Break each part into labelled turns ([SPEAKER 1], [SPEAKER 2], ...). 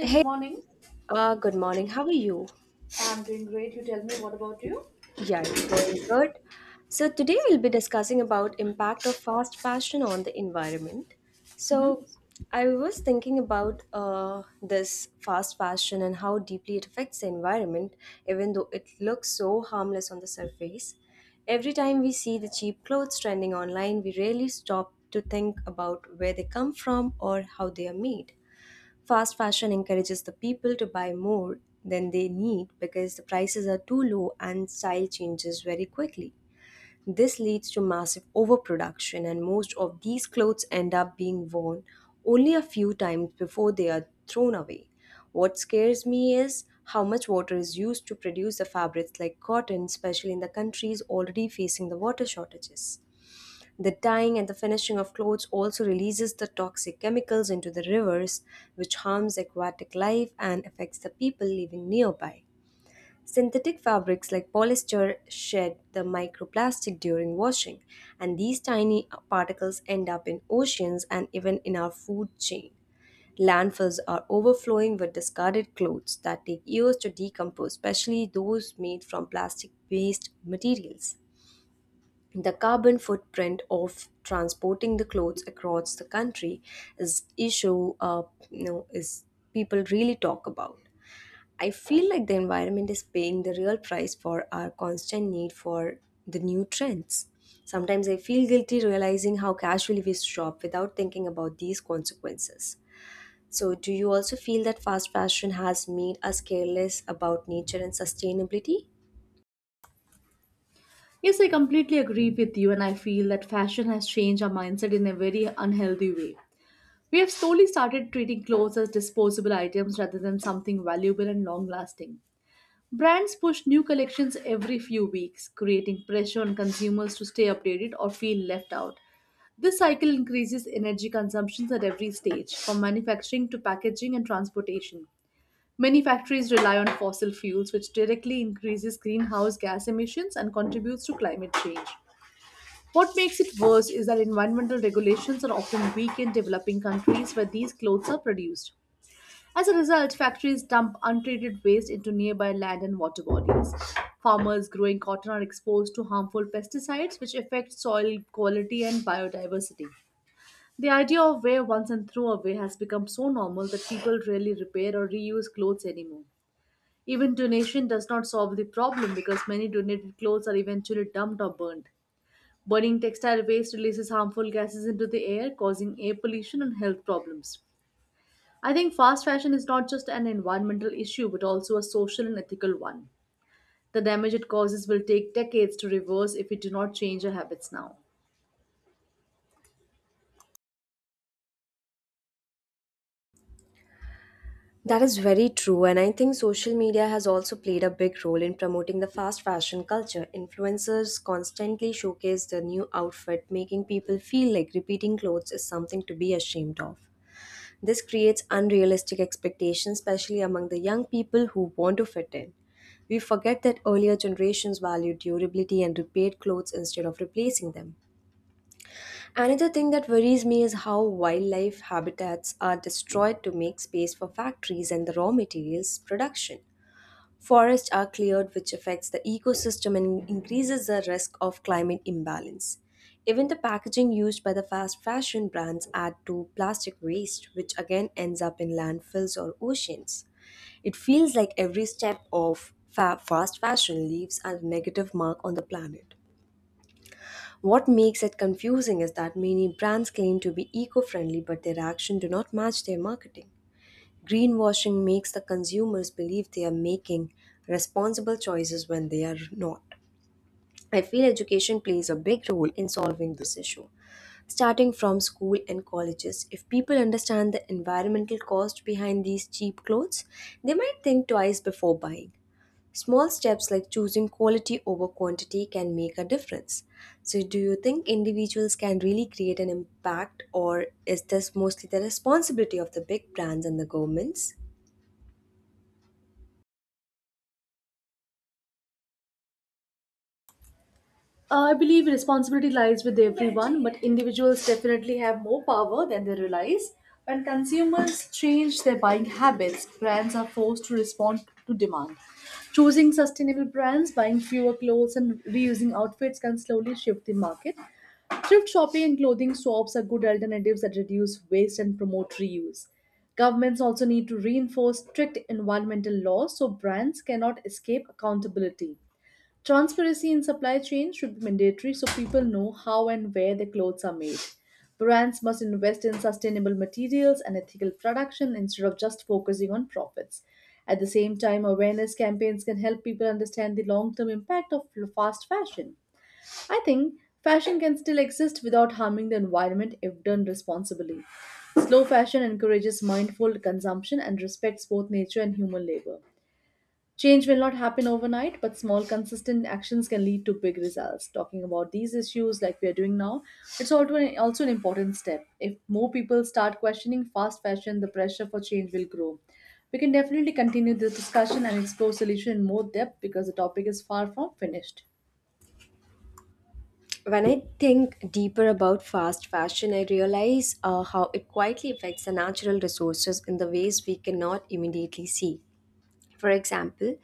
[SPEAKER 1] Hey, good morning. How are you? Yeah, it's going good. So today we'll be discussing about impact of fast fashion on the environment. So I was thinking about this fast fashion and how deeply it affects the environment, even though it looks so harmless on the surface. Every time we see the cheap clothes trending online, we rarely stop to think about where they come from or how they are made. Fast fashion encourages the people to buy more than they need because the prices are too low and style changes very quickly. This leads to massive overproduction, and most of these clothes end up being worn only a few times before they are thrown away. What scares me is how much water is used to produce the fabrics like cotton, especially in the countries already facing the water shortages. The dyeing and the finishing of clothes also releases the toxic chemicals into the rivers, which harms aquatic life and affects the people living nearby. Synthetic fabrics like polyester shed the microplastic during washing, and these tiny particles end up in oceans and even in our food chain. Landfills are overflowing with discarded clothes that take years to decompose, especially those made from plastic based materials. The carbon footprint of transporting the clothes across the country is issue is people really talk about. I feel like the environment is paying the real price for our constant need for the new trends. Sometimes I feel guilty realizing how casually we shop without thinking about these consequences. So, do you also feel that fast fashion has made us careless about nature and sustainability?
[SPEAKER 2] Yes, I completely agree with you, and I feel that fashion has changed our mindset in a very unhealthy way. We have slowly started treating clothes as disposable items rather than something valuable and long lasting. Brands push new collections every few weeks, creating pressure on consumers to stay updated or feel left out. This cycle increases energy consumptions at every stage, from manufacturing to packaging and transportation. Many factories rely on fossil fuels, which directly increases greenhouse gas emissions and contributes to climate change. What makes it worse is that environmental regulations are often weak in developing countries where these clothes are produced. As a result, factories dump untreated waste into nearby land and water bodies. Farmers growing cotton are exposed to harmful pesticides, which affect soil quality and biodiversity. The idea of wear once and throw away has become so normal that people rarely repair or reuse clothes anymore. Even donation does not solve the problem because many donated clothes are eventually dumped or burned. Burning textile waste releases harmful gases into the air, causing air pollution and health problems. I think fast fashion is not just an environmental issue but also a social and ethical one. The damage it causes will take decades to reverse if we do not change our habits now.
[SPEAKER 1] That is very true, and I think social media has also played a big role in promoting the fast fashion culture. Influencers constantly showcase the new outfit, making people feel like repeating clothes is something to be ashamed of. This creates unrealistic expectations, especially among the young people who want to fit in. We forget that earlier generations valued durability and repaired clothes instead of replacing them. Another thing that worries me is how wildlife habitats are destroyed to make space for factories and the raw materials production. Forests are cleared, which affects the ecosystem and increases the risk of climate imbalance. Even the packaging used by the fast fashion brands add to plastic waste, which again ends up in landfills or oceans. It feels like every step of fast fashion leaves a negative mark on the planet. What makes it confusing is that many brands claim to be eco-friendly but their actions do not match their marketing. Greenwashing makes the consumers believe they are making responsible choices when they are not. I feel education plays a big role in solving this issue. Starting from school and colleges, if people understand the environmental cost behind these cheap clothes, they might think twice before buying. Small steps like choosing quality over quantity can make a difference. So, do you think individuals can really create an impact, or is this mostly the responsibility of the big brands and the governments?
[SPEAKER 2] I believe responsibility lies with everyone, but individuals definitely have more power than they realize. When consumers change their buying habits, brands are forced to respond to demand. Choosing sustainable brands, buying fewer clothes, and reusing outfits can slowly shift the market. Thrift shopping and clothing swaps are good alternatives that reduce waste and promote reuse. Governments also need to reinforce strict environmental laws so brands cannot escape accountability. Transparency in supply chains should be mandatory so people know how and where their clothes are made. Brands must invest in sustainable materials and ethical production instead of just focusing on profits. At the same time, awareness campaigns can help people understand the long term impact of fast fashion. I think fashion can still exist without harming the environment if done responsibly. Slow fashion encourages mindful consumption and respects both nature and human labor. Change will not happen overnight, but small, consistent actions can lead to big results. Talking about these issues like we are doing now, it's also an important step. If more people start questioning fast fashion, the pressure for change will grow. We can definitely continue this discussion and explore solution in more depth because the topic is far from finished.
[SPEAKER 1] When I think deeper about fast fashion, I realize how it quietly affects the natural resources in the ways we cannot immediately see. For example,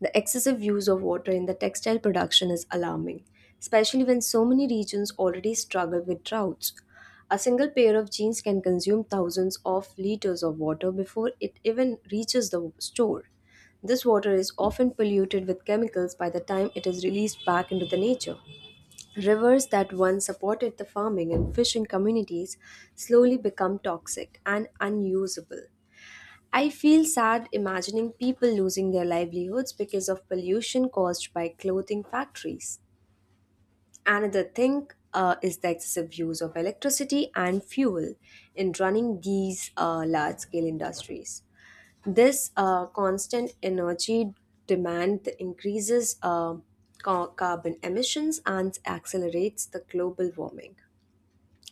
[SPEAKER 1] the excessive use of water in the textile production is alarming, especially when so many regions already struggle with droughts. A single pair of jeans can consume thousands of liters of water before it even reaches the store. This water is often polluted with chemicals by the time it is released back into the nature. Rivers that once supported the farming and fishing communities slowly become toxic and unusable. I feel sad imagining people losing their livelihoods because of pollution caused by clothing factories. Another thing is the excessive use of electricity and fuel in running these large scale industries. This constant energy demand increases carbon emissions and accelerates the global warming.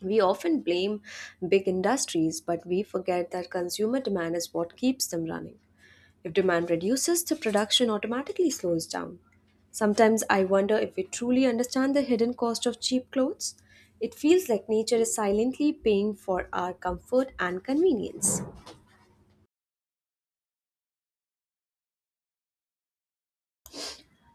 [SPEAKER 1] We often blame big industries, but we forget that consumer demand is what keeps them running. If demand reduces, the production automatically slows down. Sometimes I wonder if we truly understand the hidden cost of cheap clothes. It feels like nature is silently paying for our comfort and convenience.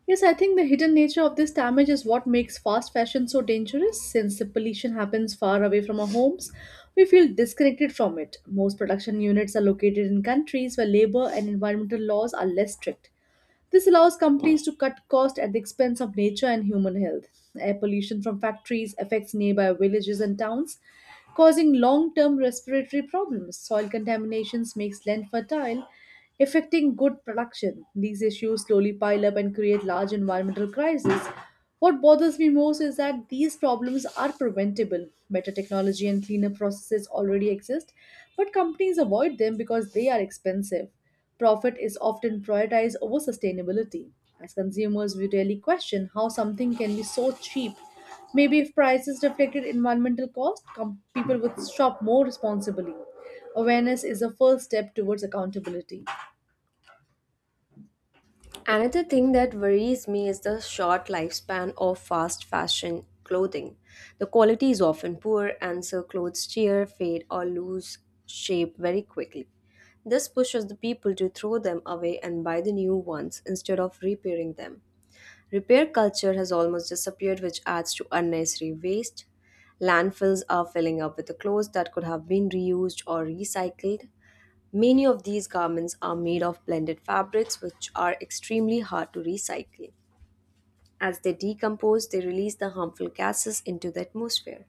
[SPEAKER 2] Yes, I think the hidden nature of this damage is what makes fast fashion so dangerous. Since the pollution happens far away from our homes, we feel disconnected from it. Most production units are located in countries where labor and environmental laws are less strict. This allows companies to cut costs at the expense of nature and human health. Air pollution from factories affects nearby villages and towns, causing long term respiratory problems. Soil contaminations makes land fertile, affecting good production. These issues slowly pile up and create large environmental crises. What bothers me most is that these problems are preventable. Better technology and cleaner processes already exist, but companies avoid them because they are expensive. Profit is often prioritized over sustainability. As consumers, we rarely question how something can be so cheap. Maybe if prices reflected environmental cost, people would shop more responsibly. Awareness is a first step towards accountability.
[SPEAKER 1] Another thing that worries me is the short lifespan of fast fashion clothing. The quality is often poor, and so clothes tear, fade, or lose shape very quickly. This pushes the people to throw them away and buy the new ones instead of repairing them. Repair culture has almost disappeared, which adds to unnecessary waste. Landfills are filling up with the clothes that could have been reused or recycled. Many of these garments are made of blended fabrics, which are extremely hard to recycle. As they decompose, they release the harmful gases into the atmosphere.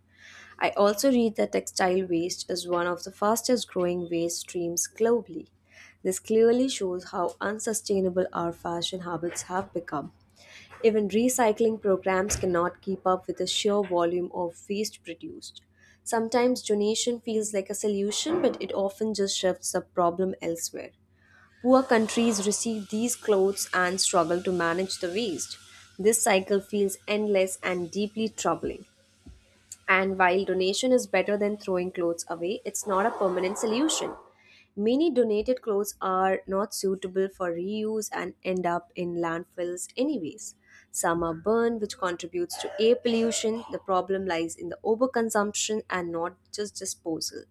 [SPEAKER 1] I also read that textile waste is one of the fastest growing waste streams globally. This clearly shows how unsustainable our fashion habits have become. Even recycling programs cannot keep up with the sheer volume of waste produced. Sometimes donation feels like a solution, but it often just shifts the problem elsewhere. Poor countries receive these clothes and struggle to manage the waste. This cycle feels endless and deeply troubling. And while donation is better than throwing clothes away, it's not a permanent solution. Many donated clothes are not suitable for reuse and end up in landfills, anyways. Some are burned, which contributes to air pollution. The problem lies in the overconsumption and not just disposal.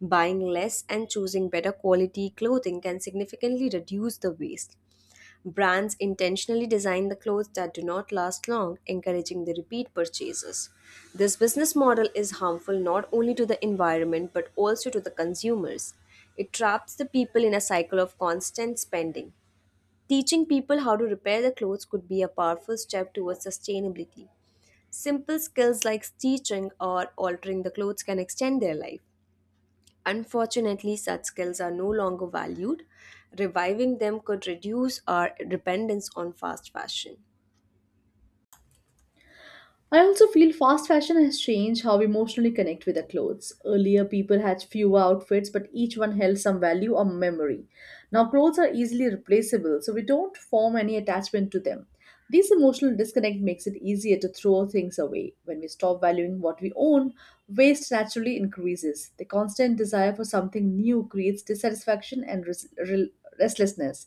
[SPEAKER 1] Buying less and choosing better quality clothing can significantly reduce the waste. Brands intentionally design the clothes that do not last long, encouraging the repeat purchases. This business model is harmful not only to the environment but also to the consumers. It traps the people in a cycle of constant spending. Teaching people how to repair their clothes could be a powerful step towards sustainability. Simple skills like stitching or altering the clothes can extend their life. Unfortunately, such skills are no longer valued. Reviving them could reduce our dependence on fast fashion.
[SPEAKER 2] I also feel fast fashion has changed how we emotionally connect with our clothes. Earlier, people had fewer outfits, but each one held some value or memory. Now, clothes are easily replaceable, so we don't form any attachment to them. This emotional disconnect makes it easier to throw things away. When we stop valuing what we own, waste naturally increases. The constant desire for something new creates dissatisfaction and restlessness.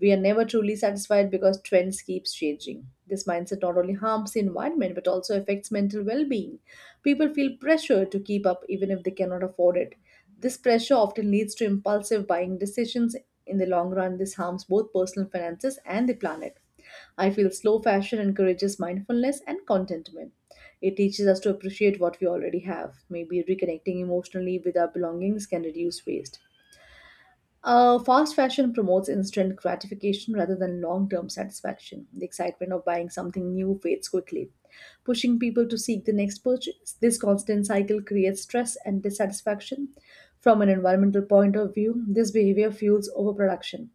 [SPEAKER 2] We are never truly satisfied because trends keeps changing. This mindset not only harms the environment but also affects mental well-being. People feel pressure to keep up even if they cannot afford it. This pressure often leads to impulsive buying decisions. In the long run, this harms both personal finances and the planet. I feel slow fashion encourages mindfulness and contentment. It teaches us to appreciate what we already have. Maybe reconnecting emotionally with our belongings can reduce waste. Fast fashion promotes instant gratification rather than long term satisfaction. The excitement of buying something new fades quickly, pushing people to seek the next purchase. This constant cycle creates stress and dissatisfaction. From an environmental point of view, this behavior fuels overproduction.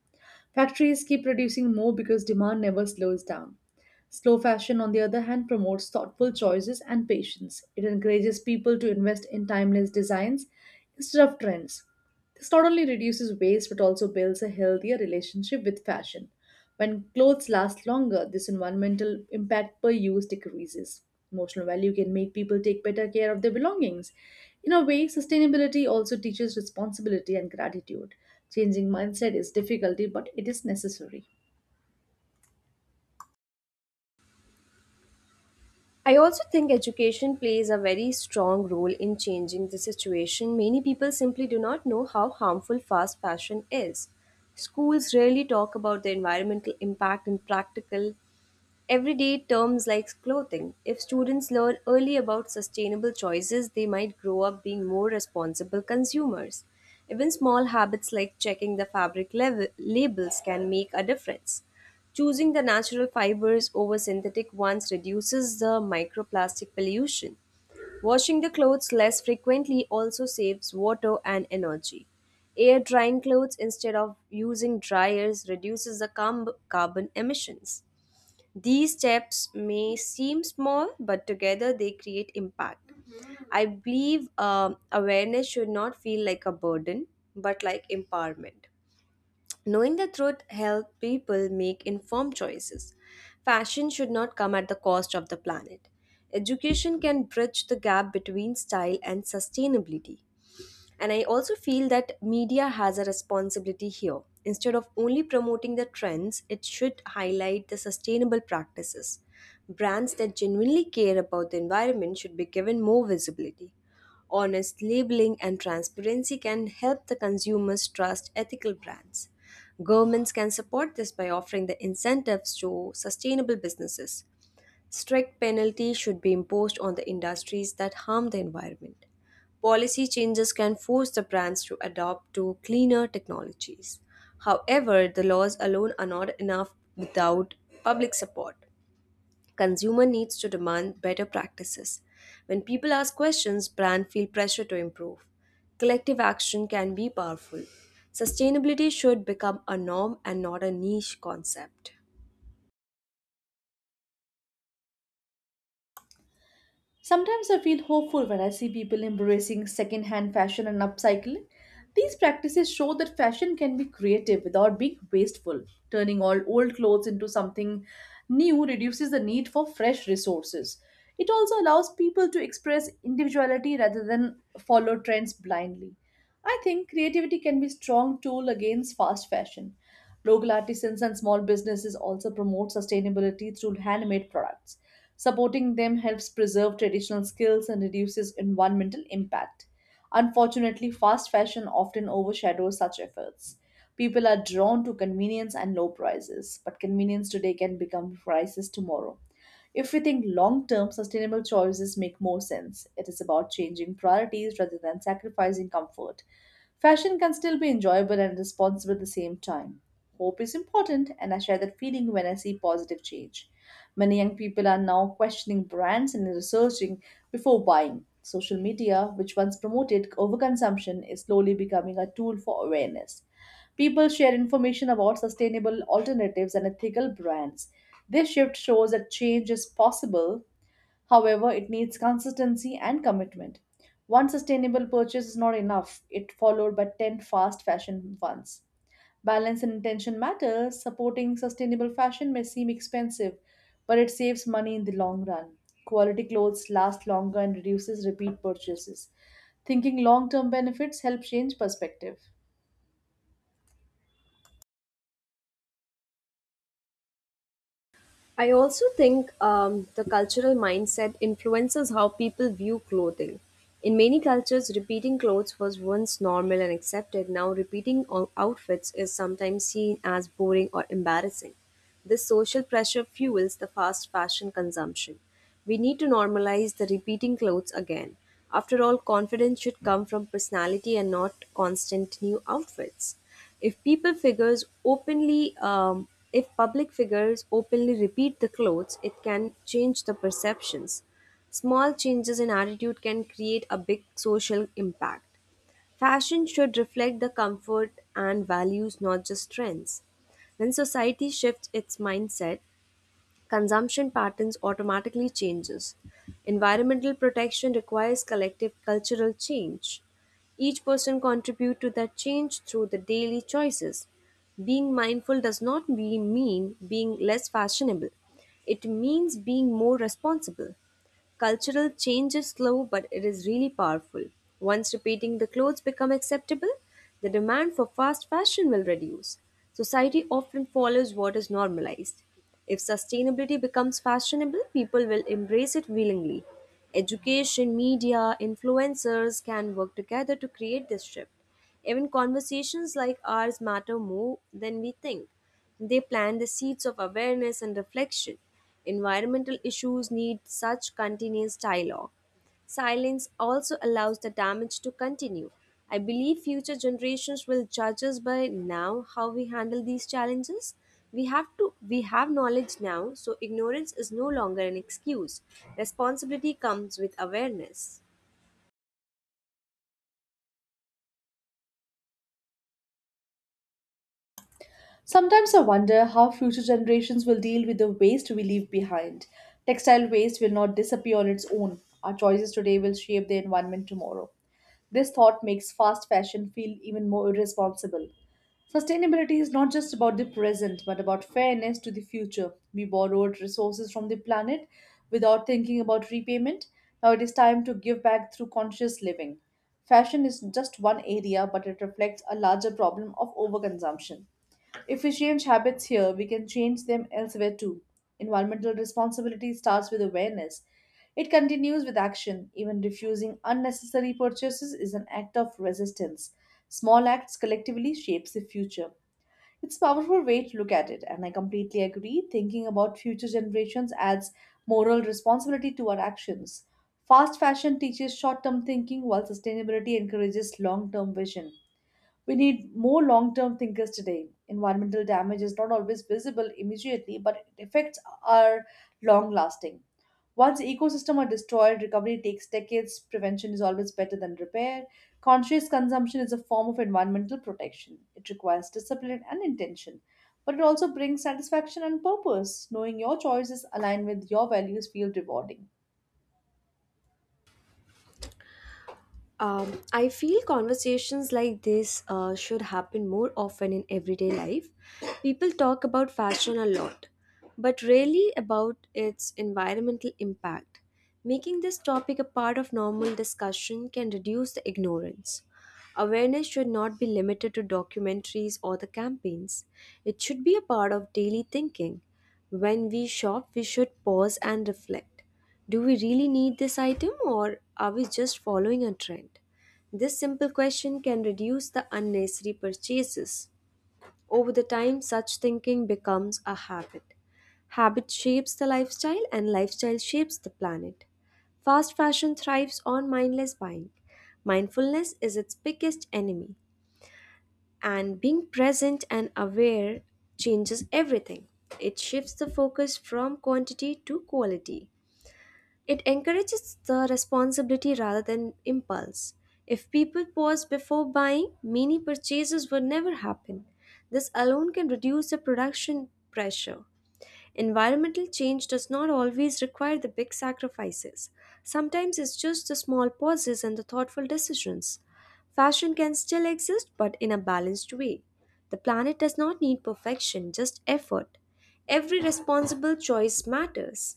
[SPEAKER 2] Factories keep producing more because demand never slows down. Slow fashion, on the other hand, promotes thoughtful choices and patience. It encourages people to invest in timeless designs instead of trends. This not only reduces waste but also builds a healthier relationship with fashion. When clothes last longer, this environmental impact per use decreases. Emotional value can make people take better care of their belongings. In a way, sustainability also teaches responsibility and gratitude. Changing mindset is difficult, but it is necessary.
[SPEAKER 1] I also think education plays a very strong role in changing the situation. Many people simply do not know how harmful fast fashion is. Schools rarely talk about the environmental impact in practical, everyday terms like clothing. If students learn early about sustainable choices, they might grow up being more responsible consumers. Even small habits like checking the fabric level, labels can make a difference. Choosing the natural fibers over synthetic ones reduces the microplastic pollution. Washing the clothes less frequently also saves water and energy. Air drying clothes instead of using dryers reduces the carbon emissions. These steps may seem small, but together they create impact. I believe awareness should not feel like a burden, but like empowerment. Knowing the truth helps people make informed choices. Fashion should not come at the cost of the planet. Education can bridge the gap between style and sustainability. And I also feel that media has a responsibility here. Instead of only promoting the trends, it should highlight the sustainable practices. Brands that genuinely care about the environment should be given more visibility. Honest labeling and transparency can help the consumers trust ethical brands. Governments can support this by offering the incentives to sustainable businesses. Strict penalties should be imposed on the industries that harm the environment. Policy changes can force the brands to adopt to cleaner technologies. However, the laws alone are not enough without public support. Consumer needs to demand better practices. When people ask questions, brands feel pressure to improve. Collective action can be powerful. Sustainability should become a norm and not a niche concept.
[SPEAKER 2] Sometimes I feel hopeful when I see people embracing second-hand fashion and upcycling. These practices show that fashion can be creative without being wasteful. Turning all old clothes into something new reduces the need for fresh resources. It also allows people to express individuality rather than follow trends blindly. I think creativity can be a strong tool against fast fashion. Local artisans and small businesses also promote sustainability through handmade products. Supporting them helps preserve traditional skills and reduces environmental impact. Unfortunately, fast fashion often overshadows such efforts. People are drawn to convenience and low prices, but convenience today can become prices tomorrow. If we think long term, sustainable choices make more sense. It is about changing priorities rather than sacrificing comfort. Fashion can still be enjoyable and responsible at the same time. Hope is important, and I share that feeling when I see positive change. Many young people are now questioning brands and researching before buying. Social media, which once promoted overconsumption, is slowly becoming a tool for awareness. People share information about sustainable alternatives and ethical brands. This shift shows that change is possible. However, it needs consistency and commitment. One sustainable purchase is not enough, it followed by 10 fast fashion ones. Balance and intention matters. Supporting sustainable fashion may seem expensive, but it saves money in the long run. Quality clothes last longer and reduces repeat purchases. Thinking long term benefits help change perspective.
[SPEAKER 1] I also think the cultural mindset influences how people view clothing. In many cultures, repeating clothes was once normal and accepted. Now, repeating outfits is sometimes seen as boring or embarrassing. This social pressure fuels the fast fashion consumption. We need to normalize the repeating clothes again. After all, confidence should come from personality and not constant new outfits. If if public figures openly repeat the clothes, it can change the perceptions. Small changes in attitude can create a big social impact. Fashion should reflect the comfort and values, not just trends. When society shifts its mindset, consumption patterns automatically changes. Environmental protection requires collective cultural change. Each person contribute to that change through the daily choices. Being mindful does not be- mean being less fashionable. It means being more responsible. Cultural change is slow, but it is really powerful. Once repeating the clothes become acceptable, the demand for fast fashion will reduce. Society often follows what is normalized. If sustainability becomes fashionable, people will embrace it willingly. Education, media, influencers can work together to create this shift. Even conversations like ours matter more than we think. They plant the seeds of awareness and reflection. Environmental issues need such continuous dialogue. Silence also allows the damage to continue. I believe future generations will judge us by now how we handle these challenges. We have knowledge now, so ignorance is no longer an excuse. Responsibility comes with awareness.
[SPEAKER 2] Sometimes I wonder how future generations will deal with the waste we leave behind. Textile waste will not disappear on its own. Our choices today will shape the environment tomorrow. This thought makes fast fashion feel even more irresponsible. Sustainability is not just about the present, but about fairness to the future. We borrowed resources from the planet without thinking about repayment. Now it is time to give back through conscious living. Fashion is just one area, but it reflects a larger problem of overconsumption. If we change habits here, we can change them elsewhere too. Environmental responsibility starts with awareness. It continues with action. Even refusing unnecessary purchases is an act of resistance. Small acts collectively shapes the future. It's a powerful way to look at it, and I completely agree. Thinking about future generations adds moral responsibility to our actions. Fast fashion teaches short term thinking, while sustainability encourages long term vision. We need more long term thinkers today. Environmental damage is not always visible immediately, but its effects are long lasting. Once ecosystems are destroyed, recovery takes decades. Prevention is always better than repair. Conscious consumption is a form of environmental protection. It requires discipline and intention, but it also brings satisfaction and purpose. Knowing your choices align with your values feels rewarding.
[SPEAKER 1] I feel conversations like this should happen more often in everyday life. People talk about fashion a lot, but rarely about its environmental impact. Making this topic a part of normal discussion can reduce the ignorance. Awareness should not be limited to documentaries or the campaigns. It should be a part of daily thinking. When we shop, we should pause and reflect. Do we really need this item or are we just following a trend? This simple question can reduce the unnecessary purchases. Over the time, such thinking becomes a habit. Habit shapes the lifestyle and lifestyle shapes the planet. Fast fashion thrives on mindless buying. Mindfulness is its biggest enemy, and being present and aware changes everything. It shifts the focus from quantity to quality. It encourages the responsibility rather than impulse. If people pause before buying, many purchases would never happen. This alone can reduce the production pressure. Environmental change does not always require the big sacrifices. Sometimes it's just the small pauses and the thoughtful decisions. Fashion can still exist, but in a balanced way. The planet does not need perfection, just effort. Every responsible choice matters.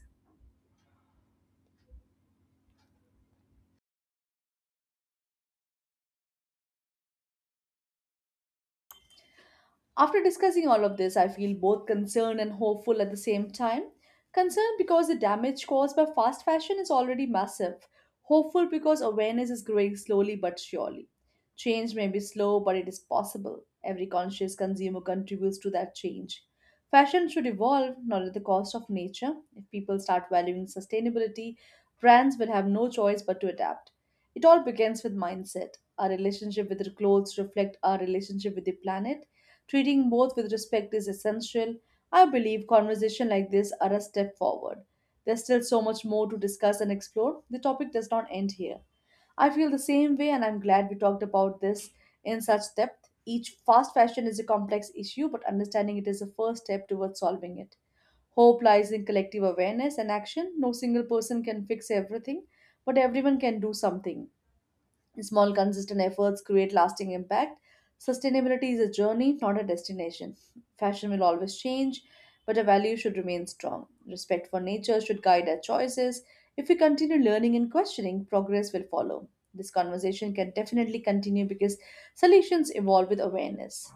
[SPEAKER 2] After discussing all of this, I feel both concerned and hopeful at the same time. Concerned because the damage caused by fast fashion is already massive, hopeful because awareness is growing slowly but surely. Change may be slow, but it is possible. Every conscious consumer contributes to that change. Fashion should evolve, not at the cost of nature. If people start valuing sustainability, brands will have no choice but to adapt. It all begins with mindset. Our relationship with the clothes reflect our relationship with the planet. Treating both with respect is essential. I believe conversations like this are a step forward. There's still so much more to discuss and explore. The topic does not end here. I feel the same way, and I'm glad we talked about this in such depth. Each fast fashion is a complex issue, but understanding it is a first step towards solving it. Hope lies in collective awareness and action. No single person can fix everything, but everyone can do something. Small, consistent efforts create lasting impact. Sustainability is a journey, not a destination. Fashion will always change, but our values should remain strong. Respect for nature should guide our choices. If we continue learning and questioning, progress will follow. This conversation can definitely continue because solutions evolve with awareness.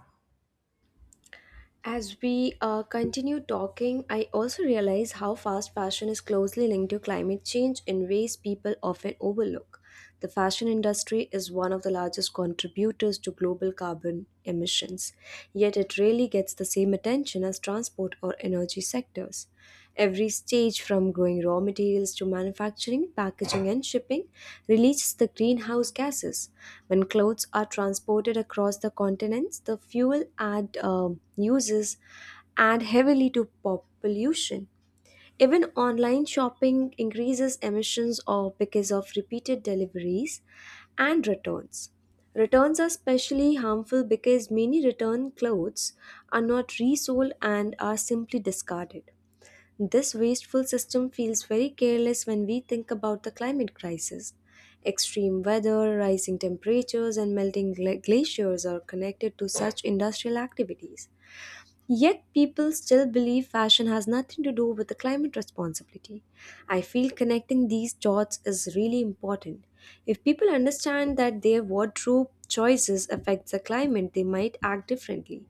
[SPEAKER 1] As we continue talking, I also realize how fast fashion is closely linked to climate change in ways people often overlook. The fashion industry is one of the largest contributors to global carbon emissions, yet it rarely gets the same attention as transport or energy sectors. Every stage from growing raw materials to manufacturing, packaging, and shipping releases the greenhouse gases. When clothes are transported across the continents, the fuel add um uses add heavily to pollution. Even online shopping increases emissions or because of repeated deliveries and returns. Returns are especially harmful because many return clothes are not resold and are simply discarded. This wasteful system feels very careless when we think about the climate crisis. Extreme weather, rising temperatures, and melting glaciers are connected to such industrial activities. Yet people still believe fashion has nothing to do with the climate responsibility. I feel connecting these dots is really important. If people understand that their wardrobe choices affect the climate, they might act differently.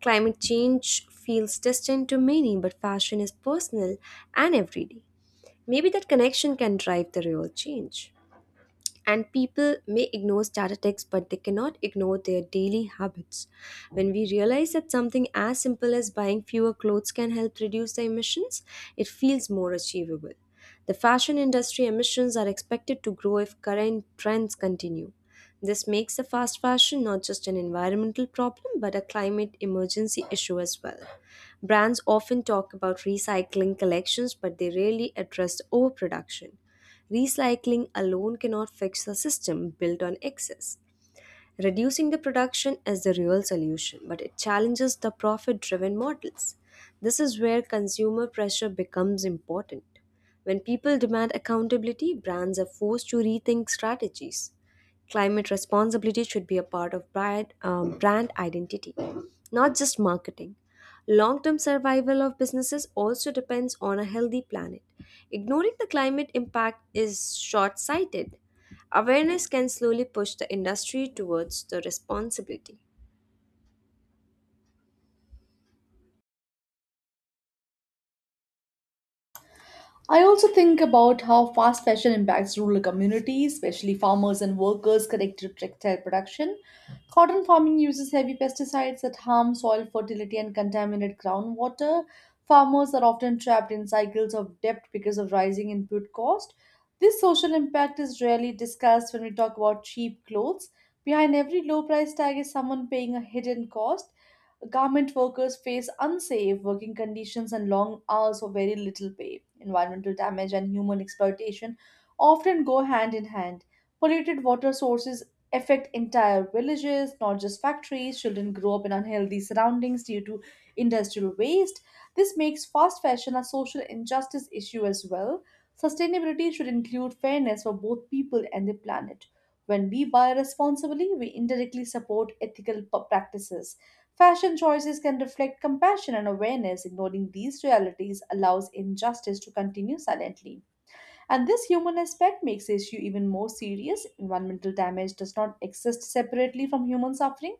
[SPEAKER 1] Climate change feels distant to many, but fashion is personal and everyday. Maybe that connection can drive the real change. And people may ignore statistics, but they cannot ignore their daily habits. When we realize that something as simple as buying fewer clothes can help reduce the emissions, it feels more achievable. The fashion industry emissions are expected to grow if current trends continue. This makes the fast fashion not just an environmental problem but a climate emergency issue as well. Brands often talk about recycling collections, but they rarely address overproduction. Recycling alone cannot fix a system built on excess. Reducing the production is the real solution, but it challenges the profit driven models. This is where consumer pressure becomes important. When people demand accountability, brands are forced to rethink strategies. Climate responsibility should be a part of brand identity, not just marketing. Long term survival of businesses also depends on a healthy planet. Ignoring the climate impact is short sighted. Awareness can slowly push the industry towards the responsibility.
[SPEAKER 2] I also think about how fast fashion impacts rural communities, especially farmers and workers connected to textile production. Cotton farming uses heavy pesticides that harm soil fertility and contaminate groundwater. Farmers are often trapped in cycles of debt because of rising input cost. This social impact is rarely discussed when we talk about cheap clothes. Behind every low price tag is someone paying a hidden cost. Garment workers face unsafe working conditions and long hours for very little pay. Environmental damage and human exploitation often go hand in hand. Polluted water sources affect entire villages, not just factories. Children grow up in unhealthy surroundings due to industrial waste. This makes fast fashion a social injustice issue as well. Sustainability should include fairness for both people and the planet. When we buy responsibly, we indirectly support ethical practices. Fashion choices can reflect compassion and awareness. Ignoring these realities allows injustice to continue silently. And this human aspect makes the issue even more serious. Environmental damage does not exist separately from human suffering.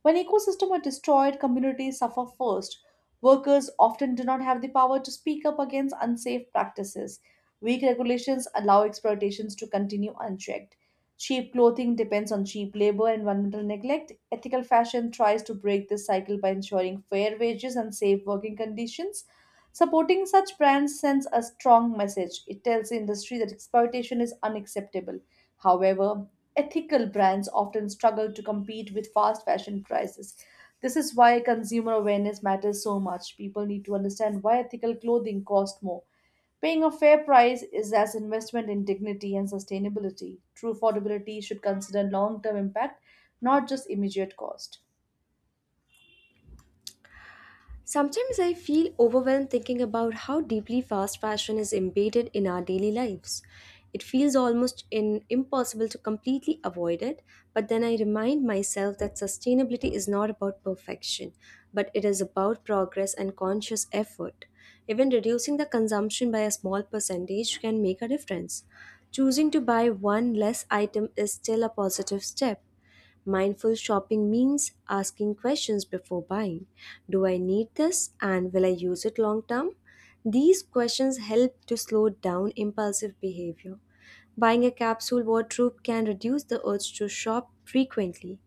[SPEAKER 2] When ecosystems are destroyed, communities suffer first. Workers often do not have the power to speak up against unsafe practices. Weak regulations allow exploitations to continue unchecked. Cheap clothing depends on cheap labor and environmental neglect. Ethical fashion tries to break this cycle by ensuring fair wages and safe working conditions. Supporting such brands sends a strong message. It tells the industry that exploitation is unacceptable. However, ethical brands often struggle to compete with fast fashion prices. This is why consumer awareness matters so much. People need to understand why ethical clothing costs more. Paying a fair price is as investment in dignity and sustainability. True affordability should consider long-term impact, not just immediate cost.
[SPEAKER 1] Sometimes I feel overwhelmed thinking about how deeply fast fashion is embedded in our daily lives. It feels almost impossible to completely avoid it, but then I remind myself that sustainability is not about perfection, but it is about progress and conscious effort. Even reducing the consumption by a small percentage can make a difference. Choosing to buy one less item is still a positive step. Mindful shopping means asking questions before buying. Do I need this and will I use it long term? These questions help to slow down impulsive behavior. Buying a capsule wardrobe can reduce the urge to shop frequently.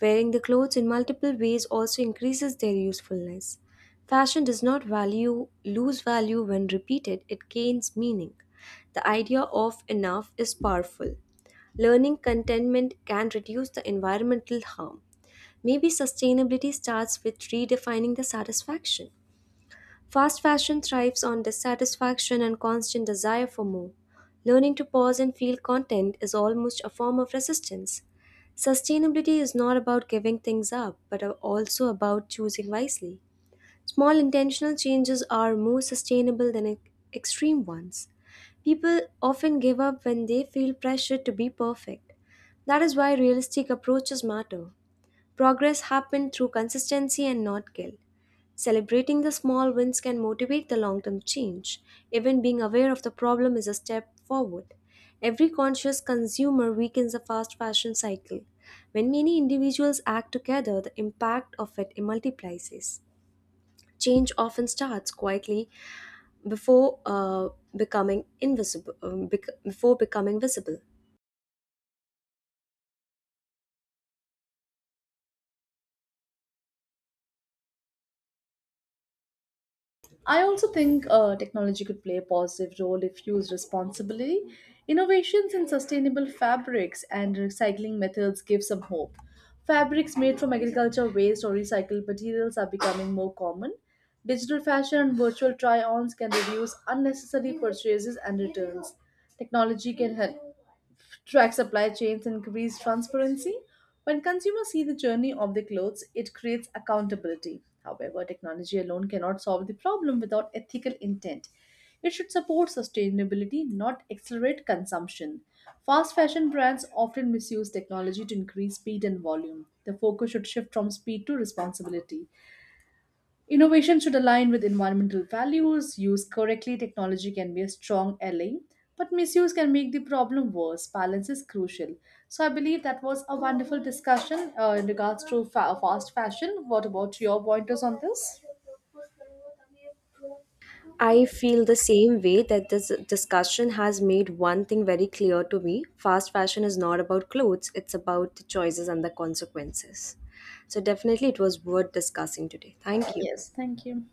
[SPEAKER 1] Wearing the clothes in multiple ways also increases their usefulness. Fashion does not value lose value when repeated, it gains meaning. The idea of enough is powerful. Learning contentment can reduce the environmental harm. Maybe sustainability starts with redefining the satisfaction. Fast fashion thrives on dissatisfaction and constant desire for more. Learning to pause and feel content is almost a form of resistance. Sustainability is not about giving things up, but also about choosing wisely. Small intentional changes are more sustainable than extreme ones. People often give up when they feel pressured to be perfect. That is why realistic approaches matter. Progress happens through consistency and not guilt. Celebrating the small wins can motivate the long term change. Even being aware of the problem is a step forward. Every conscious consumer weakens the fast fashion cycle. When many individuals act together, the impact of it multiplies. Change often starts quietly before becoming invisible, before becoming visible.
[SPEAKER 2] I also think technology could play a positive role if used responsibly. Innovations in sustainable fabrics and recycling methods give some hope. Fabrics made from agriculture waste or recycled materials are becoming more common. Digital fashion and virtual try ons can reduce unnecessary purchases and returns. Technology can help track supply chains and increase transparency. When consumers see the journey of their clothes, it creates accountability. However, technology alone cannot solve the problem without ethical intent. It should support sustainability, not accelerate consumption. Fast fashion brands often misuse technology to increase speed and volume. The focus should shift from speed to responsibility. Innovation should align with environmental values. Used correctly, technology can be a strong ally, but misuse can make the problem worse. Balance is crucial. So, I believe that was a wonderful discussion in regards to fast fashion. What about your pointers on this?
[SPEAKER 1] I feel the same way that this discussion has made one thing very clear to me. Fast fashion is not about clothes, it's about the choices and the consequences. So, definitely, it was worth discussing today. Thank you.
[SPEAKER 2] Yes, thank you.